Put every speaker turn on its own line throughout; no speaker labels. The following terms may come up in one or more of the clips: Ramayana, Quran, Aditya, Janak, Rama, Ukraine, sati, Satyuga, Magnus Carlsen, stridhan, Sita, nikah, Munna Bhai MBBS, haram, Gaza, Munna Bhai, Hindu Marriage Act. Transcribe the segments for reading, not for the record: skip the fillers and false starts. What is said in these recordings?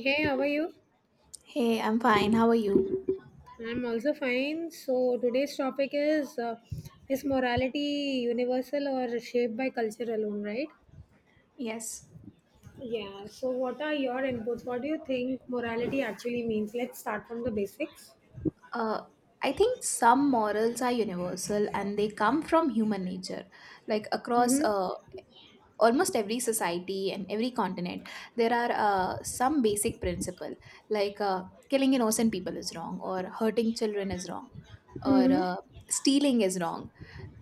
Hey, how are you?
Hey, I'm fine. How are you?
I'm also fine. So today's topic is morality universal or shaped by culture alone, right?
Yes.
Yeah. So what are your inputs? What do you think morality actually means? Let's start from the basics.
Uh, I think some morals are universal and they come from human nature. Like across
Mhm.
uh, almost every society and every continent, there are some basic principle like killing innocent people is wrong, or hurting children is wrong, or
Mhm.
stealing is wrong.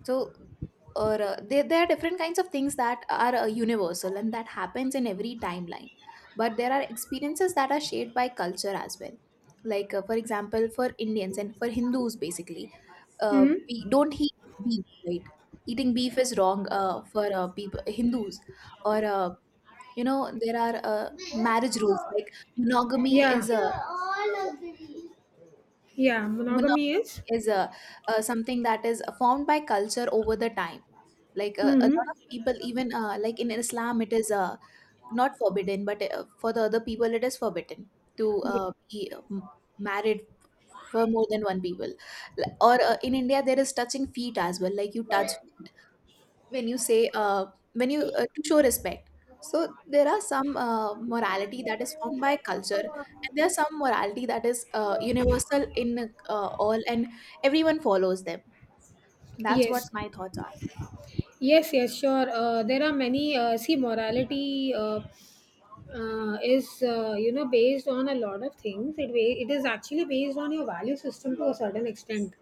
So, or there are different kinds of things that are universal and that happens in every timeline. But there are experiences that are shaped by culture as well. Like, for example, for Indians and for Hindus, basically,
Mhm.
we don't eat beef, right? Eating beef is wrong for Hindus. Or, there are marriage rules like monogamy
Yeah.
is a.
Yeah.
Monogamy
Monogamy is.
is a, something that is formed by culture over the time like a lot
Mhm.
of people even like in Islam it is not forbidden but for the other people it is forbidden to
Ye-
be married for more than one people. Or in India there is touching feet as well, like you touch when you say when you to show respect. So there are some morality that is formed by culture and there are some morality that is universal in all and everyone follows them. That's what
Yes.
my thoughts are.
Yes. Yes. Sure. There are many. See, morality. Is you know based on a lot of things it is actually based on your value system to a certain extent,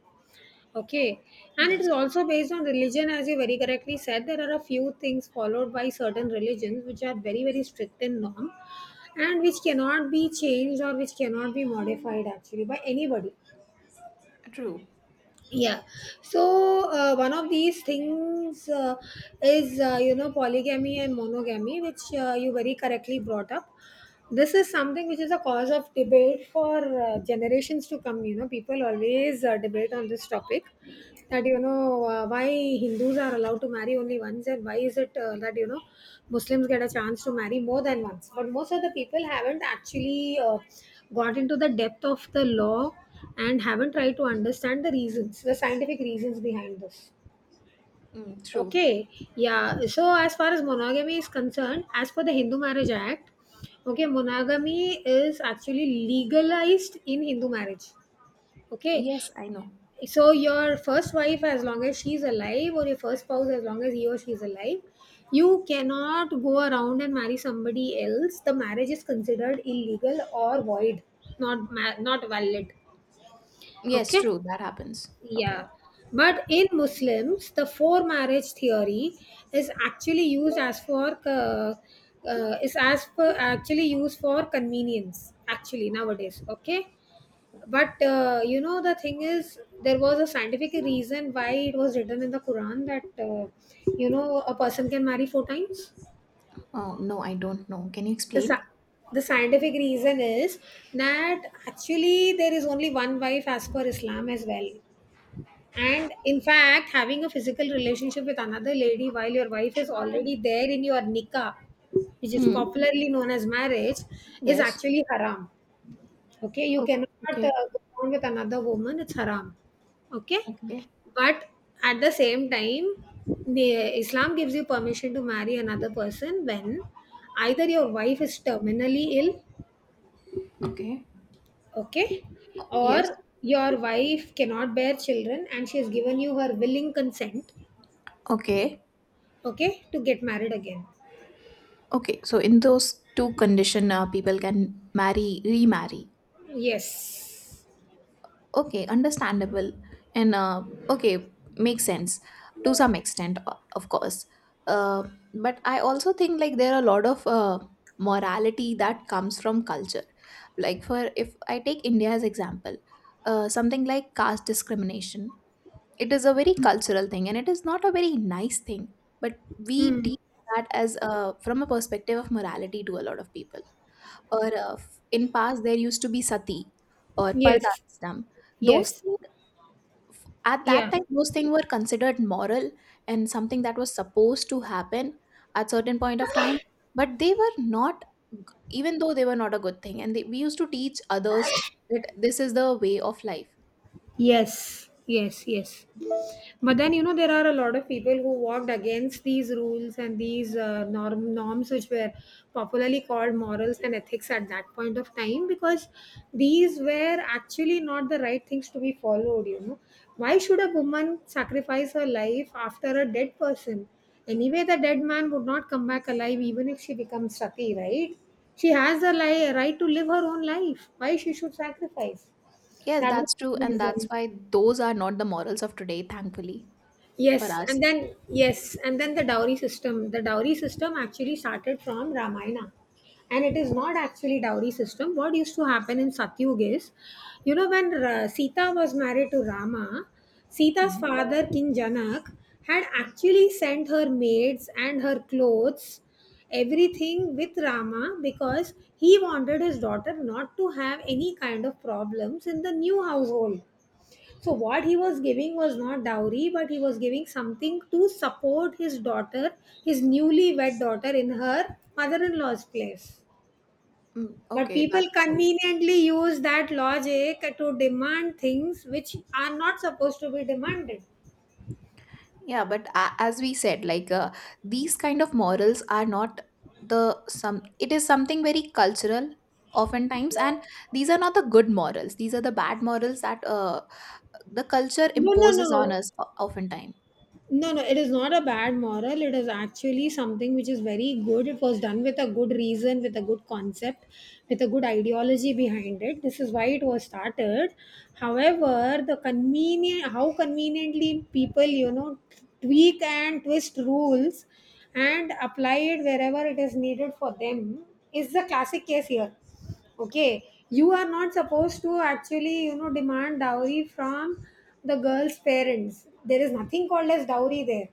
okay, and it
Yes,
is also based on religion. As you very correctly said, there are a few things followed by certain religions which are very, very strict in norm, and which cannot be changed or which cannot be modified actually by anybody.
true.
Yeah. So one of these things is, you know, polygamy and monogamy, which you very correctly brought up. This is something which is a cause of debate for generations to come. You know, people always debate on this topic, that, you know, why Hindus are allowed to marry only once, and why is it, that, you know, Muslims get a chance to marry more than once. But most of the people haven't actually got into the depth of the law, and haven't tried to understand the reasons, the scientific reasons behind this.
Mm, true.
Okay, yeah. So as far as monogamy is concerned, as per the Hindu Marriage Act, okay, monogamy is actually legalized in Hindu marriage. Okay,
Yes, I know.
so your first wife, as long as she's alive, or your first spouse, as long as he or she is alive, you cannot go around and marry somebody else. The marriage is considered illegal or void, not valid.
Yes,
Okay,
true. That happens. Okay.
yeah. But in Muslims, the four marriage theory is actually used as for is as per actually used for convenience actually nowadays. Okay, but you know, the thing is, there was a scientific reason why it was written in the Quran that, you know, a person can marry four times.
Oh, no, I don't know. Can you
The
explain?
sci- the scientific reason is that actually there is only one wife as per Islam as well. And in fact, having a physical relationship with another lady while your wife is already there in your nikah, which is
Hmm.
popularly known as marriage, is
Yes.
actually haram. Okay, you
Oh,
cannot
okay.
go on with another woman, it's haram. Okay,
Okay.
but at the same time, the Islam gives you permission to marry another person when either your wife is terminally ill,
Okay.
okay,
Yes.
or your wife cannot bear children and she has given you her willing consent,
Okay.
okay, to get married again.
Okay. So in those two condition, people can marry, remarry.
Yes.
Okay, understandable. And okay, makes sense to some extent, of course. Uh, but I also think like there are a lot of morality that comes from culture. Like for if I take India as example, something like caste discrimination, it is a very cultural thing and it is not a very nice thing. But we
Hmm.
teach that as from a perspective of morality to a lot of people. Or in past there used to be sati or parda
Yes.
system. Those
Yes.
things, at
Yeah.
that time, those things were considered moral and something that was supposed to happen at certain point of time, but they were not g- even though they were not a good thing and we used to teach others that this is the way of life.
Yes. Yes. Yes. But then, you know, there are a lot of people who walked against these rules and these norms, which were popularly called morals and ethics at that point of time, because these were actually not the right things to be followed. You know, why should a woman sacrifice her life after a dead person? Anyway, the dead man would not come back alive even if she becomes sati, right? She has right to live her own life. Why she should sacrifice?
Yes,
That was
that's true,
the
and that's
reason.
why those are not the morals of today, thankfully, for us.
Yes, and then the dowry system. The dowry system actually started from Ramayana. And it is not actually dowry system. What used to happen in Satyuga is, you know, when Sita was married to Rama, Sita's
Mhm.
father, King Janak, had actually sent her maids and her clothes, everything with Rama, because he wanted his daughter not to have any kind of problems in the new household. So what he was giving was not dowry, but he was giving something to support his daughter, his newlywed daughter, in her mother-in-law's place.
Mm,
But
okay,
people
that's true.
conveniently use that logic to demand things which are not supposed to be demanded.
Yeah, but as we said, like these kind of morals are not the some. It is something very cultural, oftentimes, and these are not the good morals. These are the bad morals that the culture
No, no,
imposes on
no.
us oftentimes.
No, no, it is not a bad moral. It is actually something which is very good. It was done with a good reason, with a good concept, with a good ideology behind it. This is why it was started. However, the convenient, how conveniently people, you know, tweak and twist rules and apply it wherever it is needed for them, is the classic case here. Okay, you are not supposed to actually, you know, demand dowry from the girl's parents. There is nothing called as dowry there.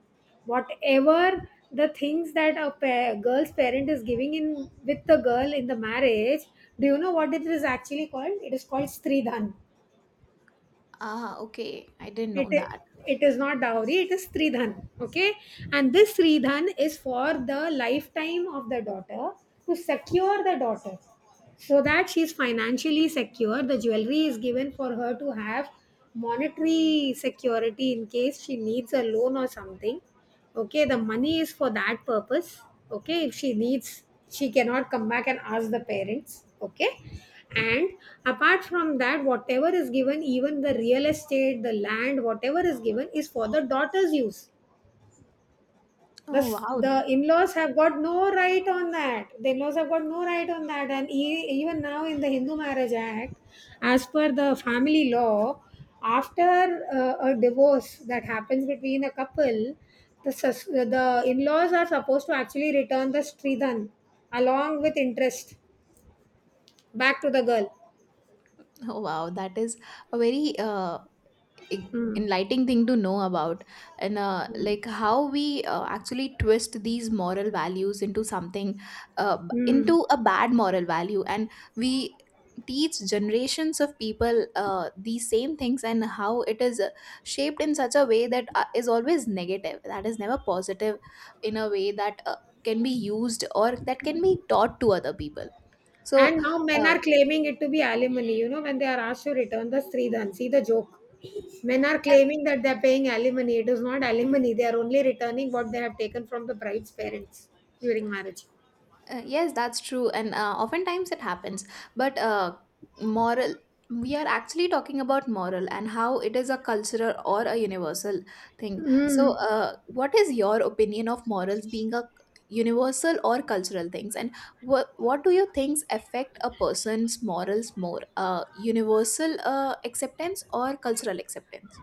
Whatever the things that girl's parent is giving in with the girl in the marriage, do you know what it is actually called? It is called stridhan.
Ah, okay, I didn't
It
know
is,
that.
it is not dowry, it is sridhan. Okay, and this sridhan is for the lifetime of the daughter, to secure the daughter, so that she is financially secure. The jewelry is given for her to have monetary security in case she needs a loan or something. Okay, the money is for that purpose. Okay, if she needs, she cannot come back and ask the parents. Okay. And apart from that, whatever is given, even the real estate, the land, whatever is given is for the daughter's use.
Oh wow.
The in-laws have got no right on that. The in-laws have got no right on that. And even now in the Hindu Marriage Act, as per the family law, after a divorce that happens between a couple, the in-laws are supposed to actually return the stridhan along with interest back to the girl.
Oh wow, that is a very e-
Hmm.
enlightening thing to know about. And
Hmm.
like how we actually twist these moral values into something
Hmm.
into a bad moral value, and we teach generations of people these same things, and how it is shaped in such a way that is always negative, that is never positive in a way that can be used or that can be taught to other people. So
And now men
uh,
are claiming it to be alimony. You know, when they are asked to return the Sridhan, see the joke. Men are claiming that they are paying alimony. It is not alimony. They are only returning what they have taken from the bride's parents during marriage.
uh, yes, that's true, and oftentimes it happens. But moral, we are actually talking about moral and how it is a cultural or a universal thing. So,
Mm.
what is your opinion of morals being a universal or cultural things, and what do you think affect a person's morals more, universal acceptance or cultural acceptance?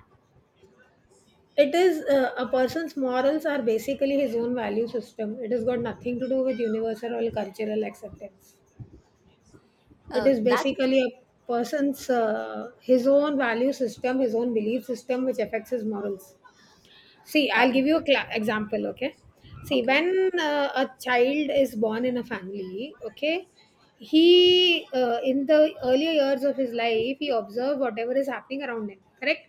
It is a person's morals are basically his own value system. It has got nothing to do with universal or cultural acceptance. It is
That
basically a person's his own value system, his own belief system, which affects his morals. See,
uh,
I'll give you a cla example, okay? See,
okay,
when a child is born in a family, okay, he, in the earlier years of his life, he observes whatever is happening around him, correct?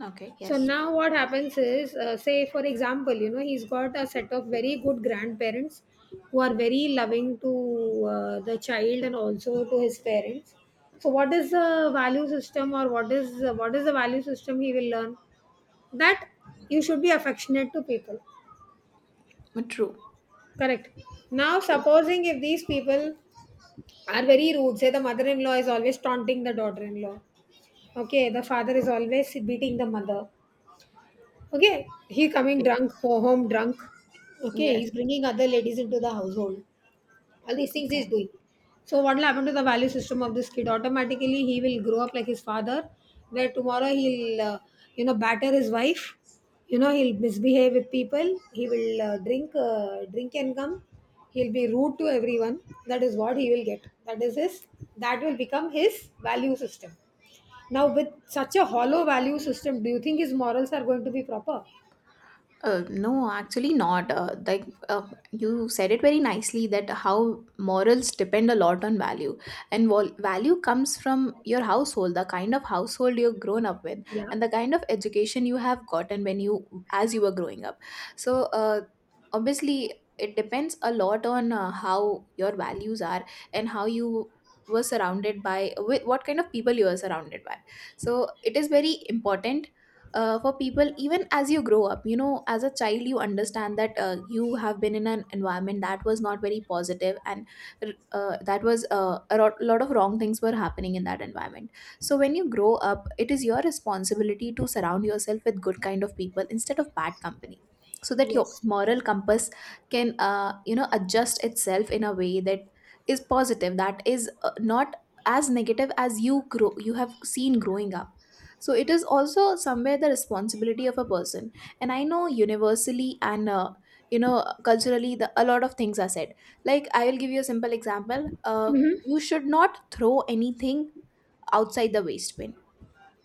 okay,
So
yes,
now what happens is, say, for example, you know, he's got a set of very good grandparents who are very loving to the child, and also to his parents. So what is the value system, or what is the value system he will learn? That you should be affectionate to people,
true,
correct? Now
true,
supposing if these people are very rude, say the mother-in-law is always taunting the daughter-in-law, okay, the father is always beating the mother, okay, he coming
okay,
home drunk, okay,
yes,
he's bringing other ladies into the household, all these things
okay.
he's doing. So what will happen to the value system of this kid? Automatically he will grow up like his father, where tomorrow he'll, you know, batter his wife, you know, he'll misbehave with people, he will drink and come, he'll be rude to everyone. That is what he will get, that is his, that will become his value system. Now with such a hollow value system, do you think his morals are going to be proper?
No, actually not. You said it very nicely that how morals depend a lot on value, and value comes from your household, the kind of household you have grown up with,
Yeah.
and the kind of education you have gotten when you as you were growing up. So obviously, it depends a lot on how your values are and how you were surrounded by, with what kind of people you are surrounded by. So it is very important for people. Even as you grow up, you know, as a child you understand that you have been in an environment that was not very positive, and that was a lot of wrong things were happening in that environment. So when you grow up, it is your responsibility to surround yourself with good kind of people instead of bad company, so that your
Yes,
moral compass can, you know, adjust itself in a way that is positive, that is not as negative as you grow, you have seen growing up. So it is also somewhere the responsibility of a person. And I know universally and you know culturally a lot of things are said. Like I will give you a simple example. You should not throw anything outside the waste bin.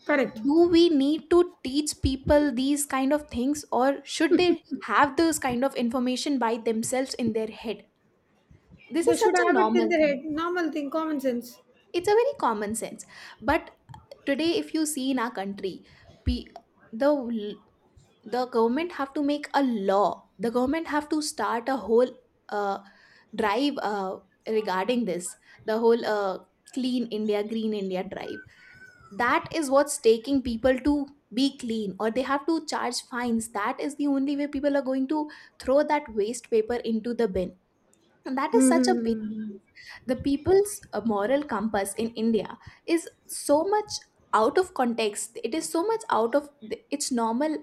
correct.
Do we need to teach people these kind of things, or should they have those kind of information by themselves in their head? This
They
is such
should
a
have it in
normal
their
thing.
head. Normal thing, common sense.
It's a very common sense. But today, if you see in our country, pe- the l- the government have to make a law, the government have to start a whole uh, drive regarding this, the whole Clean India Green India drive. That is what's taking people to be clean, or they have to charge fines. That is the only way people are going to throw that waste paper into the bin. And that is such a big,
Hmm.
the people's moral compass in India is so much out of context, it is so much out of its normal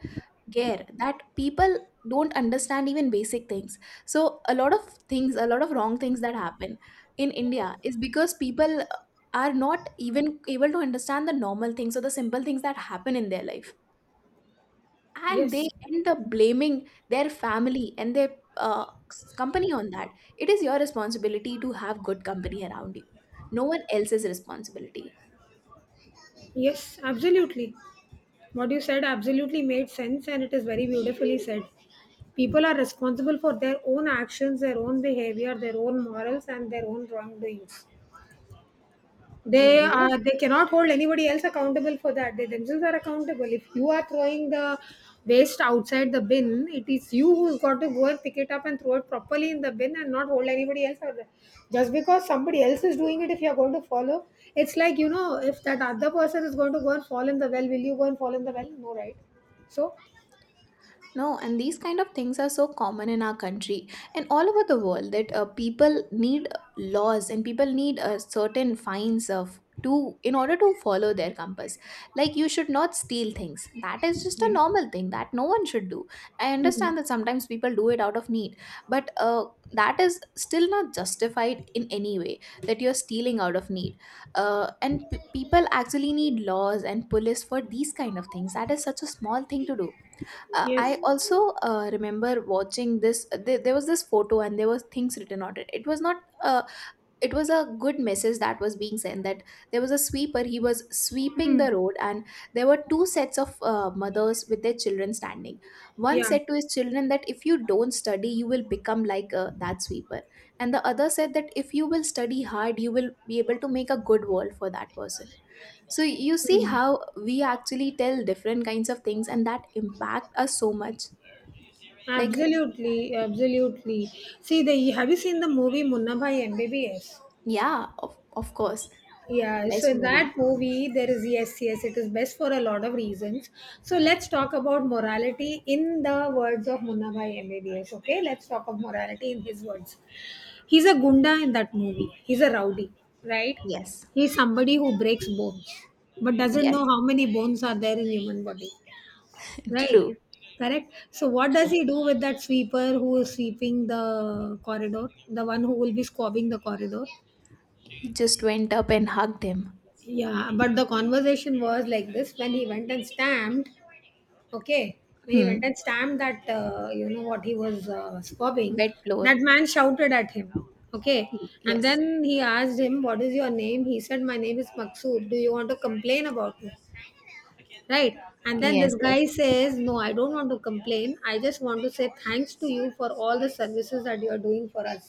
care that people don't understand even basic things. So a lot of things, a lot of wrong things that happen in India is because people are not even able to understand the normal things or the simple things that happen in their life, and
Yes,
they end up blaming their family and their uh, company on that. It is your responsibility to have good company around you. No one else's responsibility.
yes, absolutely. What you said absolutely made sense, and it is very beautifully said. People are responsible for their own actions, their own behavior, their own morals, and their own wrongdoings. They
Mm, yes.
are, they cannot hold anybody else accountable for that. They themselves are accountable. If you are throwing the waste outside the bin, it is you who's got to go and pick it up and throw it properly in the bin, and not hold anybody else out there. Just because somebody else is doing it, if you're going to follow, it's like, you know, if that other person is going to go and fall in the well, will you go and fall in the well? No, right? So,
No, and these kind of things are so common in our country and all over the world, that people need laws and people need certain fines of to in order to follow their compass. Like you should not steal things. That is just a
yeah.
normal thing that no one should do. I
Mm.
understand that sometimes people do it out of need, but that is still not justified in any way, that you're stealing out of need. And people actually need laws and police for these kind of things. That is such a small thing to do.
Yes,
I also remember watching this. There was this photo, and there were things written on it. It was not. Uh, it was a good message that was being sent. That there was a sweeper. He was sweeping the
mm.
road, and there were two sets of mothers with their children standing. One
Yeah.
said to his children that if you don't study, you will become like that sweeper, and the other said that if you will study hard, you will be able to make a good world for that person. So you see
Mm.
how we actually tell different kinds of things and that impact us so much. Like,
Absolutely, absolutely. See, the have you seen the movie Munna Bhai MBBS?
yeah, of course,
Yeah, so
best
in that
movie.
movie, there is, yes, yes, it is best for a lot of reasons. So let's talk about morality in the words of Munna Bhai MBBS. Okay, let's talk of morality in his words. He's a gunda in that movie. He's a rowdy, right?
Yes,
He's somebody who breaks bones, but doesn't know
yes,
how many bones are there in human body. Right.
true,
Correct. So what does
true.
he do with that sweeper who is sweeping the corridor? The one who will be squabbing the corridor?
He just went up and hugged him.
Yeah, but the conversation was like this when he went and stamped. Okay, when he went
Hmm.
and stamped that, what he was squabbing,
Wet
that
floor.
man shouted at him. Okay, and
Yes,
then he asked him, "What is your name?" He said, "My name is Maksud. Do you want to complain about it?" Right. And then this
yes,
guy
yes,
says, "No, I don't want to complain, I just want to say thanks to you for all the services that you are doing for us."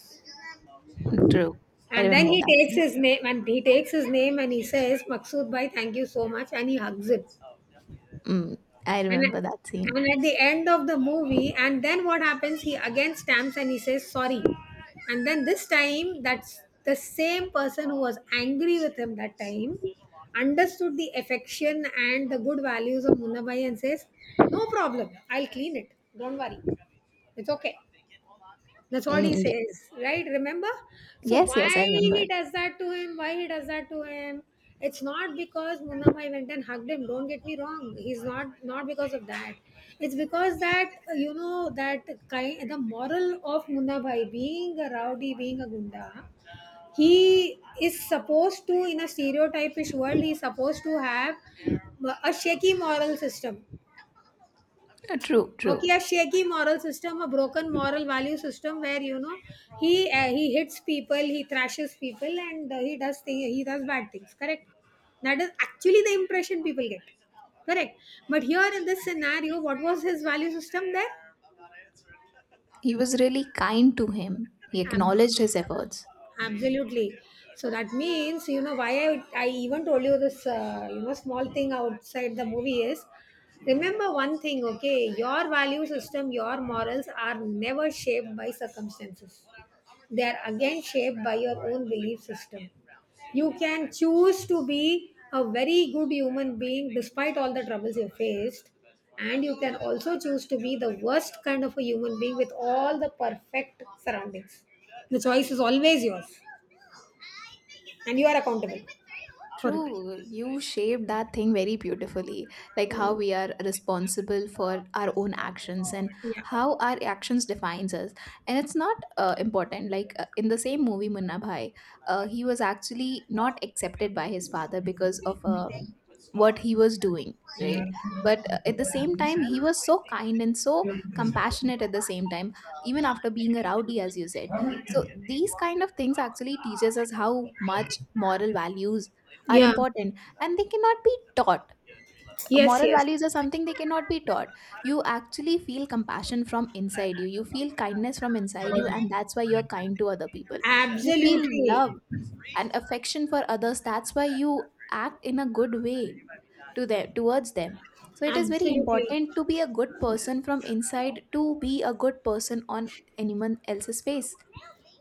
true. I
And then
remember
he
that
takes
scene.
his name, and he takes his name, and he says, "Maksud bhai, thank you so much," and he hugs him.
Mm, I
and
remember that
at,
scene.
and at the end of the movie, and then what happens? He again stamps and he says sorry. And then this time, that's the same person who was angry with him that time understood the affection and the good values of Munnabai and says, "No problem, I'll clean it. Don't worry. It's okay." That's what he
Mm, yeah.
says, right? Remember? So
Yes, yes,
why
I remember.
he does that to him? Why he does that to him? It's not because Munnamai went and hugged him. Don't get me wrong. He's not not because of that. It's because that that kind the moral of Munnabhai being a rowdy, being a gunda, he is supposed to in a stereotypish world. He's supposed to have a shaky moral system.
True, true.
Okay, a shaky moral system, a broken moral value system, where you know he hits people, he thrashes people, and he does thing, he does bad things. Correct. That is actually the impression people get. Correct. But here in this scenario, what was his value system
He was really kind to him. He
there?
acknowledged his efforts.
Absolutely. So that means, you know, I even told you this small thing outside the movie is, remember one thing, okay, your value system, your morals are never shaped by circumstances, they are again shaped by your own belief system. You can choose to be a very good human being despite all the troubles you faced, and you can also choose to be the worst kind of a human being with all the perfect surroundings. The choice is always yours, and you are accountable for it.
True, you shaped that thing very beautifully. Like how
Mm,
we are responsible for our own actions and
yeah.
how our actions defines us. And it's not important. Like in the same movie, Munna Bhai, he was actually not accepted by his father because of a what he was doing, right? But at the same time he was so kind and so compassionate at the same time, even after being a rowdy as you said. So these kind of things actually teaches us how much moral values are
Yeah.
important, and they cannot be taught.
Yes,
Moral
yes.
values are something they cannot be taught. You actually feel compassion from inside you feel kindness from inside you, and that's why you're kind to other people. You feel
Absolutely.
love and affection for others, that's why you act in a good way to them, towards them. So it is very
Absolutely.
important to be a good person from inside, to be a good person on anyone else's face.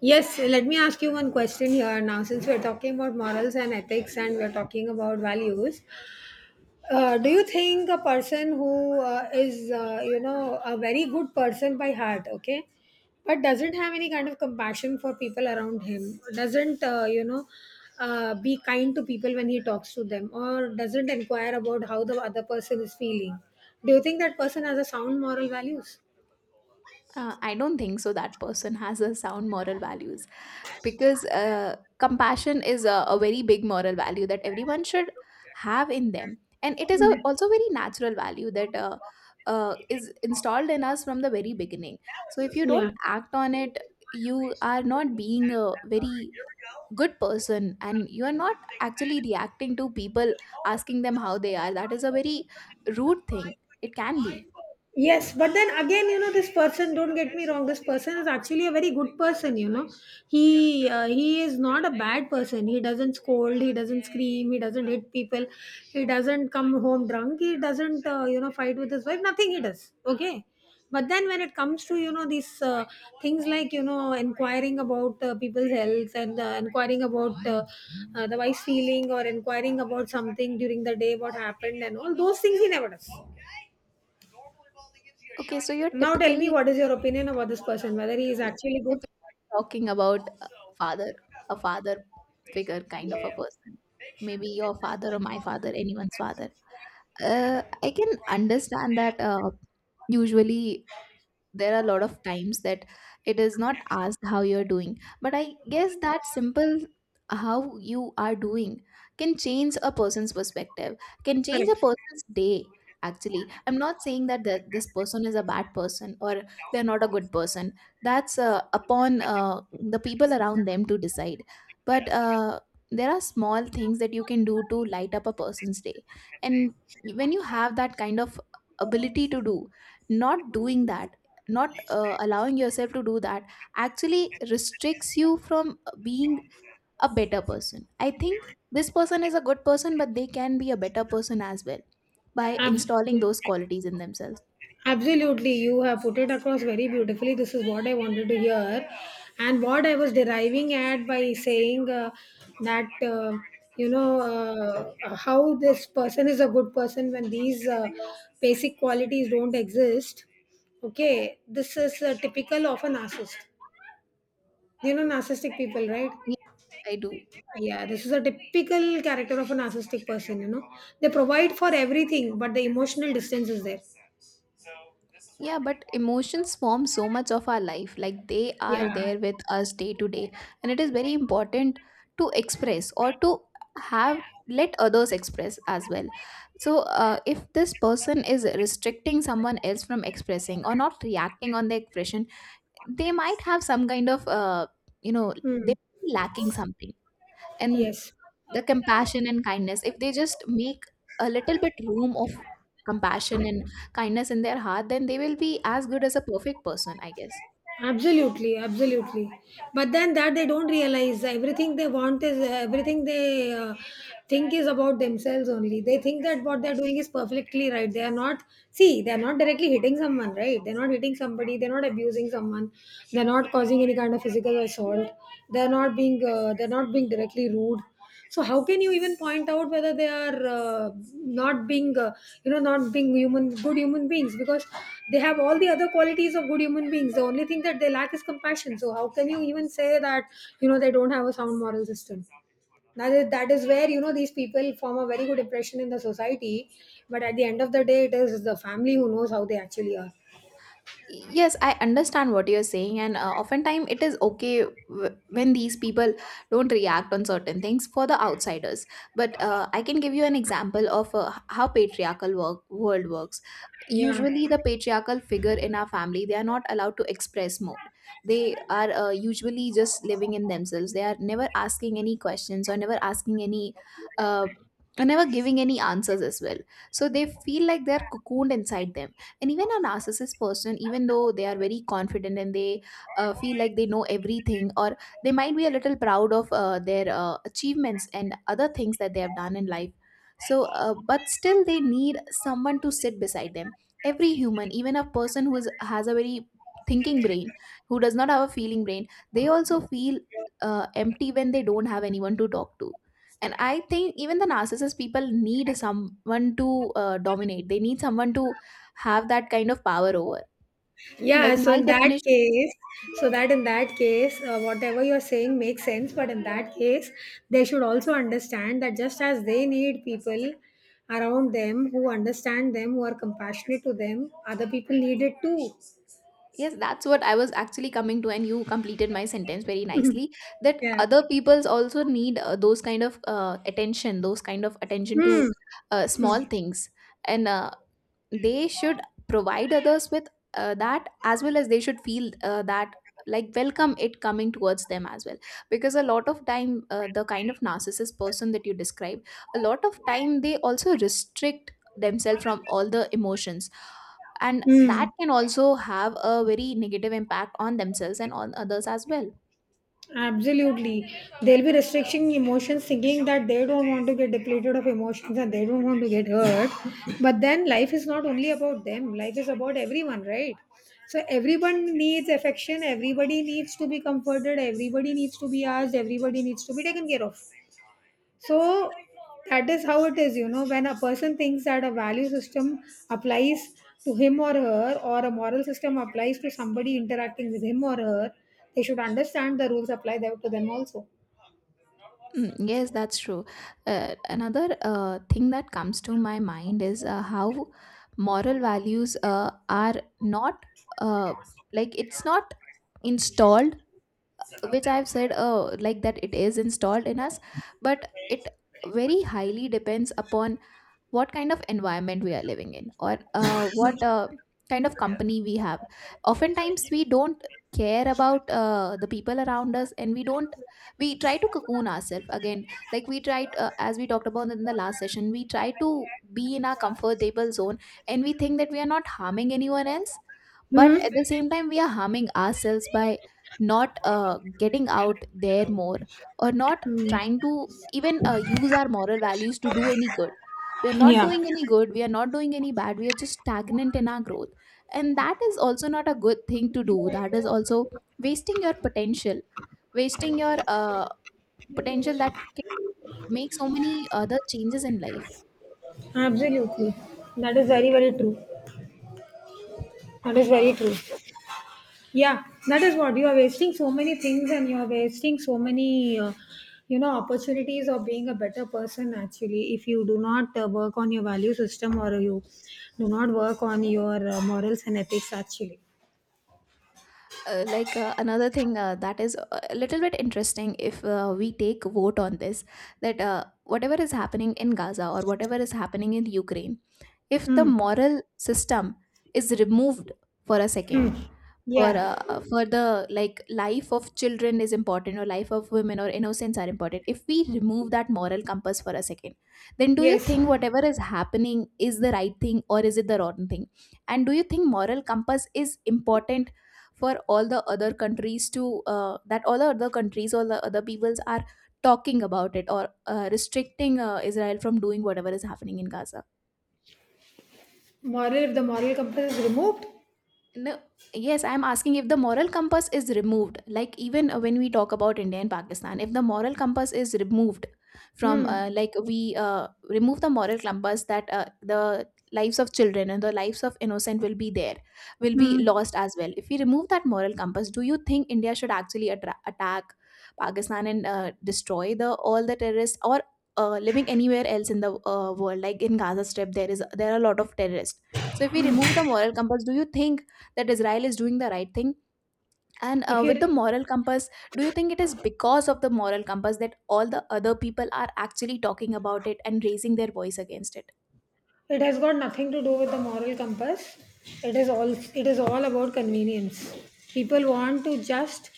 Yes, let me ask you one question here now. Since we're talking about morals and ethics and we're talking about values, do you think a person who is, a very good person by heart, okay, but doesn't have any kind of compassion for people around him, doesn't, be kind to people when he talks to them, or doesn't inquire about how the other person is feeling? Do you think that person has a sound moral values?
I don't think so that person has a sound moral values, because compassion is a very big moral value that everyone should have in them, and it is a, also very natural value that is installed in us from the very beginning. So if you
Yeah.
don't act on it, you are not being a very good person, and you are not actually reacting to people asking them how they are. That is a very rude thing. It can be.
Yes, but then again, you know, this person. Don't get me wrong. This person is actually a very good person. You know, he is not a bad person. He doesn't scold. He doesn't scream. He doesn't hit people. He doesn't come home drunk. He doesn't fight with his wife. Nothing he does. Okay, but then when it comes to, you know, these things like, you know, inquiring about people's health and inquiring about the wife's feeling, or inquiring about something during the day, what happened, and all those things, he never does.
Okay, so you're
Now tell me,
typically.
what is your opinion about this person, whether he is
If
actually good?
we're talking about father, a father figure kind of a person, maybe your father or my father, anyone's father. I can understand that usually there are a lot of times that it is not asked how you're doing, but I guess that simple how you are doing can change a person's perspective, can change a
Correct.
person's day. Actually, I'm not saying that this person is a bad person or they're not a good person. That's upon the people around them to decide. But there are small things that you can do to light up a person's day, and when you have that kind of ability to do, not doing that, not allowing yourself to do that, actually restricts you from being a better person. I think this person is a good person, but they can be a better person as well, by
Ab-
installing those qualities in themselves.
Absolutely, you have put it across very beautifully. This is what I wanted to hear, and what I was deriving at by saying that you know, how this person is a good person when these basic qualities don't exist. Okay, this is typical of a narcissist. You know, narcissistic people, right?
Yes, I do.
Yeah, this is a typical character of a narcissistic person, you know. They provide for everything, but the emotional distance is there.
Yeah, but emotions form so much of our life. Like they are
Yeah.
there with us day to day. And it is very important to express, or to have let others express as well. So, if this person is restricting someone else from expressing or not reacting on the expression, they might have some kind of, you know,
Hmm.
they lacking something. And
Yes.
the compassion and kindness, if they just make a little bit room of compassion and kindness in their heart, then they will be as good as a perfect person, I guess.
Absolutely, absolutely. But then that they don't realize everything they want is everything they think is about themselves only. They think that what they're doing is perfectly right. They are not, See, they're not directly hitting someone, right? They're not hitting somebody, they're not abusing someone, they're not causing any kind of physical assault, they're not being directly rude. So how can you even point out whether they are not being, you know, not being human good human beings, because they have all the other qualities of good human beings. The only thing that they lack is compassion, so how can you even say that, you know, they don't have a sound moral system? That is where, you know, these people form a very good impression in the society, but at the end of the day it is the family who knows how they actually are.
Yes, I understand what you're saying, and oftentimes it is okay when these people don't react on certain things for the outsiders. But I can give you an example of how patriarchal world works.
Yeah.
Usually the patriarchal figure in our family, they are not allowed to express more. They are usually just living in themselves. They are never asking any questions or never asking any uh, or never giving any answers as well. So they feel like they're cocooned inside them. And even a narcissist person, even though they are very confident and they feel like they know everything, or they might be a little proud of their achievements and other things that they have done in life. So but still they need someone to sit beside them. Every human, even a person who has a very thinking brain, who does not have a feeling brain, they also feel empty when they don't have anyone to talk to. And I think even the narcissist people need someone to dominate, they need someone to have that kind of power over. Like
Yeah, so
my
in that
definition,
case, so that in that case, whatever you're saying makes sense. But in that case, they should also understand that just as they need people around them who understand them, who are compassionate to them, other people need it too.
yes, that's what I was actually coming to, and you completed my sentence very nicely. That
Yeah.
other people's also need those kind of attention, those kind of attention
Hmm.
to small things, and they should provide others with that, as well as they should feel that, like welcome it coming towards them as well. Because a lot of time the kind of narcissist person that you describe, a lot of time they also restrict themselves from all the emotions, and
Hmm.
that can also have a very negative impact on themselves and on others as well.
Absolutely. They'll be restricting emotions, thinking that they don't want to get depleted of emotions and they don't want to get hurt. But then life is not only about them, life is about everyone, right? So everyone needs affection, everybody needs to be comforted, everybody needs to be asked, everybody needs to be taken care of. So that is how it is, you know, when a person thinks that a value system applies to him or her, or a moral system applies to somebody interacting with him or her, they should understand the rules apply there to them also.
Mm, yes, that's true. Another thing that comes to my mind is how moral values are not uh, like it's not installed, which I've said like that it is installed in us, but it very highly depends upon what kind of environment we are living in, or what kind of company we have. Oftentimes we don't care about the people around us, and we don't we try to cocoon ourselves again. Like we tried as we talked about in the last session, we try to be in our comfortable zone, and we think that we are not harming anyone else. But
Hmm.
at the same time we are harming ourselves by not getting out there more, or not
Hmm.
trying to even use our moral values to do any good. We are not
Yeah.
doing any good, we are not doing any bad, we are just stagnant in our growth. And that is also not a good thing to do. That is also wasting your potential, wasting your potential that can make so many other changes in life.
Absolutely. That is very, very true. That is very
uh,
true. Yeah, that is what you are wasting, so many things, and you are wasting so many, opportunities of being a better person, actually, if you do not work on your value system, or you do not work on your morals and ethics actually.
Another thing that is a little bit interesting, if we take vote on this, that whatever is happening in Gaza or whatever is happening in Ukraine, if the
Mm.
moral system is removed for a second,
Mm. Yeah,
for the like life of children is important, or life of women or innocence are important, if we remove that moral compass for a second, then do you
yes.
think whatever is happening is the right thing or is it the wrong thing? And do you think moral compass is important for all the other countries to that all the other countries, all the other peoples are talking about it, or restricting Israel from doing whatever is happening in Gaza?
Moral, if the moral compass is removed,
No, yes, I'm asking, if the moral compass is removed, like even when we talk about India and Pakistan, if the moral compass is removed from,
mm.
like we remove the moral compass, that the lives of children and the lives of innocent will be there, will be
Mm.
lost as well. If we remove that moral compass, do you think India should actually attack Pakistan and destroy the all the terrorists, or living anywhere else in the world, like in Gaza Strip, there is there are a lot of terrorists. So if we remove the moral compass, do you think that Israel is doing the right thing? And
If you—
with the moral compass, do you think it is because of the moral compass that all the other people are actually talking about it and raising their voice against it?
it has got nothing to do with the moral compass. It is all about convenience. People want to just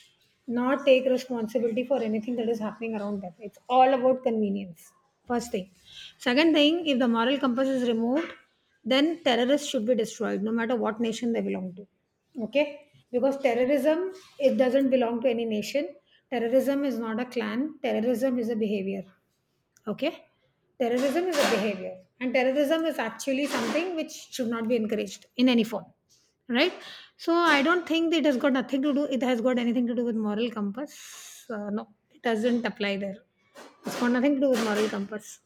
not take responsibility for anything that is happening around them. It's all about convenience. First thing. Second thing, if the moral compass is removed, then terrorists should be destroyed no matter what nation they belong to. Okay, because terrorism, it doesn't belong to any nation. Terrorism is not a clan, terrorism is a behavior. Okay? Terrorism is a behavior, and terrorism is actually something which should not be encouraged in any form, right? So I don't think it has got nothing to do. It has got anything to do with moral compass. No, it doesn't apply there. It's got nothing to do with moral compass.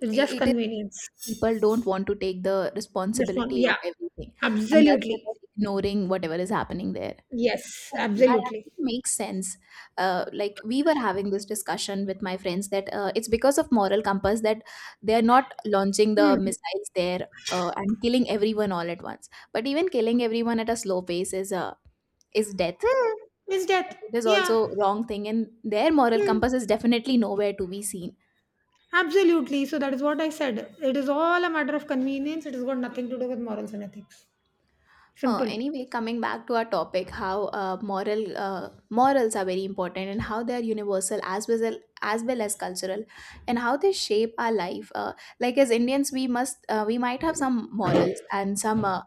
It's just
It is,
convenience.
people don't want to take the
Just one,
responsibility of
yeah,
everything, and that's why
absolutely.
they're ignoring whatever is happening there.
Yes,
Yeah, that
absolutely.
actually makes sense. Like we were having this discussion with my friends that it's because of moral compass that they are not launching the
Hmm.
missiles there and killing everyone all at once. But even killing everyone at a slow pace is death.
Hmm. Is death?
Like, it is
Yeah.
also wrong thing, and their moral
Hmm.
compass is definitely nowhere to be seen.
Absolutely. So that is what I said. It is all a matter of convenience. It has got nothing to do with morals and ethics. Simple.
Anyway, coming back to our topic, how morals are very important, and how they are universal as well as cultural, and how they shape our life. Like as Indians, we must we might have some morals and some uh,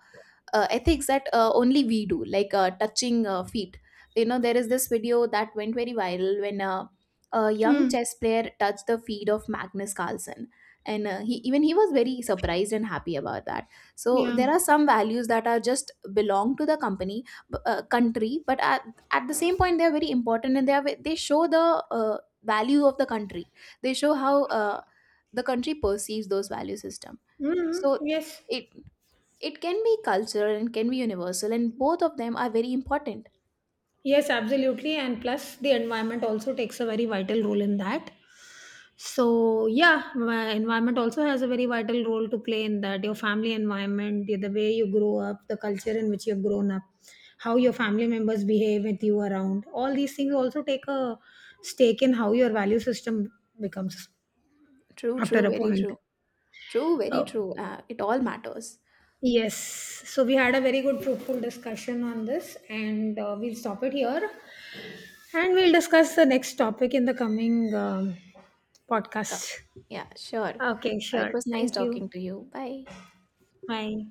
uh, ethics that only we do, like touching feet. You know, there is this video that went very viral when a young
Mm.
chess player touched the feet of Magnus Carlsen, and he even he was very surprised and happy about that. So
Yeah.
there are some values that are just belong to the company, country, but at the same point they are very important, and they show the value of the country. They show how the country perceives those value system.
Mm.
So
Yes.
it it can be cultural and can be universal, and both of them are very important.
Yes, absolutely. And plus, the environment also takes a very vital role in that. So yeah, my environment also has a very vital role to play in that. Your family environment, the way you grow up, the culture in which you've grown up, how your family members behave with you around. All these things also take a stake in how your value system becomes.
True,
After
true,
a
very
point.
true. True, very
Oh,
true. It all matters.
yes. So we had a very good, fruitful discussion on this, and we'll stop it here. And we'll discuss the next topic in the coming
Co-
podcast.
yeah, sure.
Okay,
It
sure.
was nice
Thank
talking
you.
to you, bye.
Bye.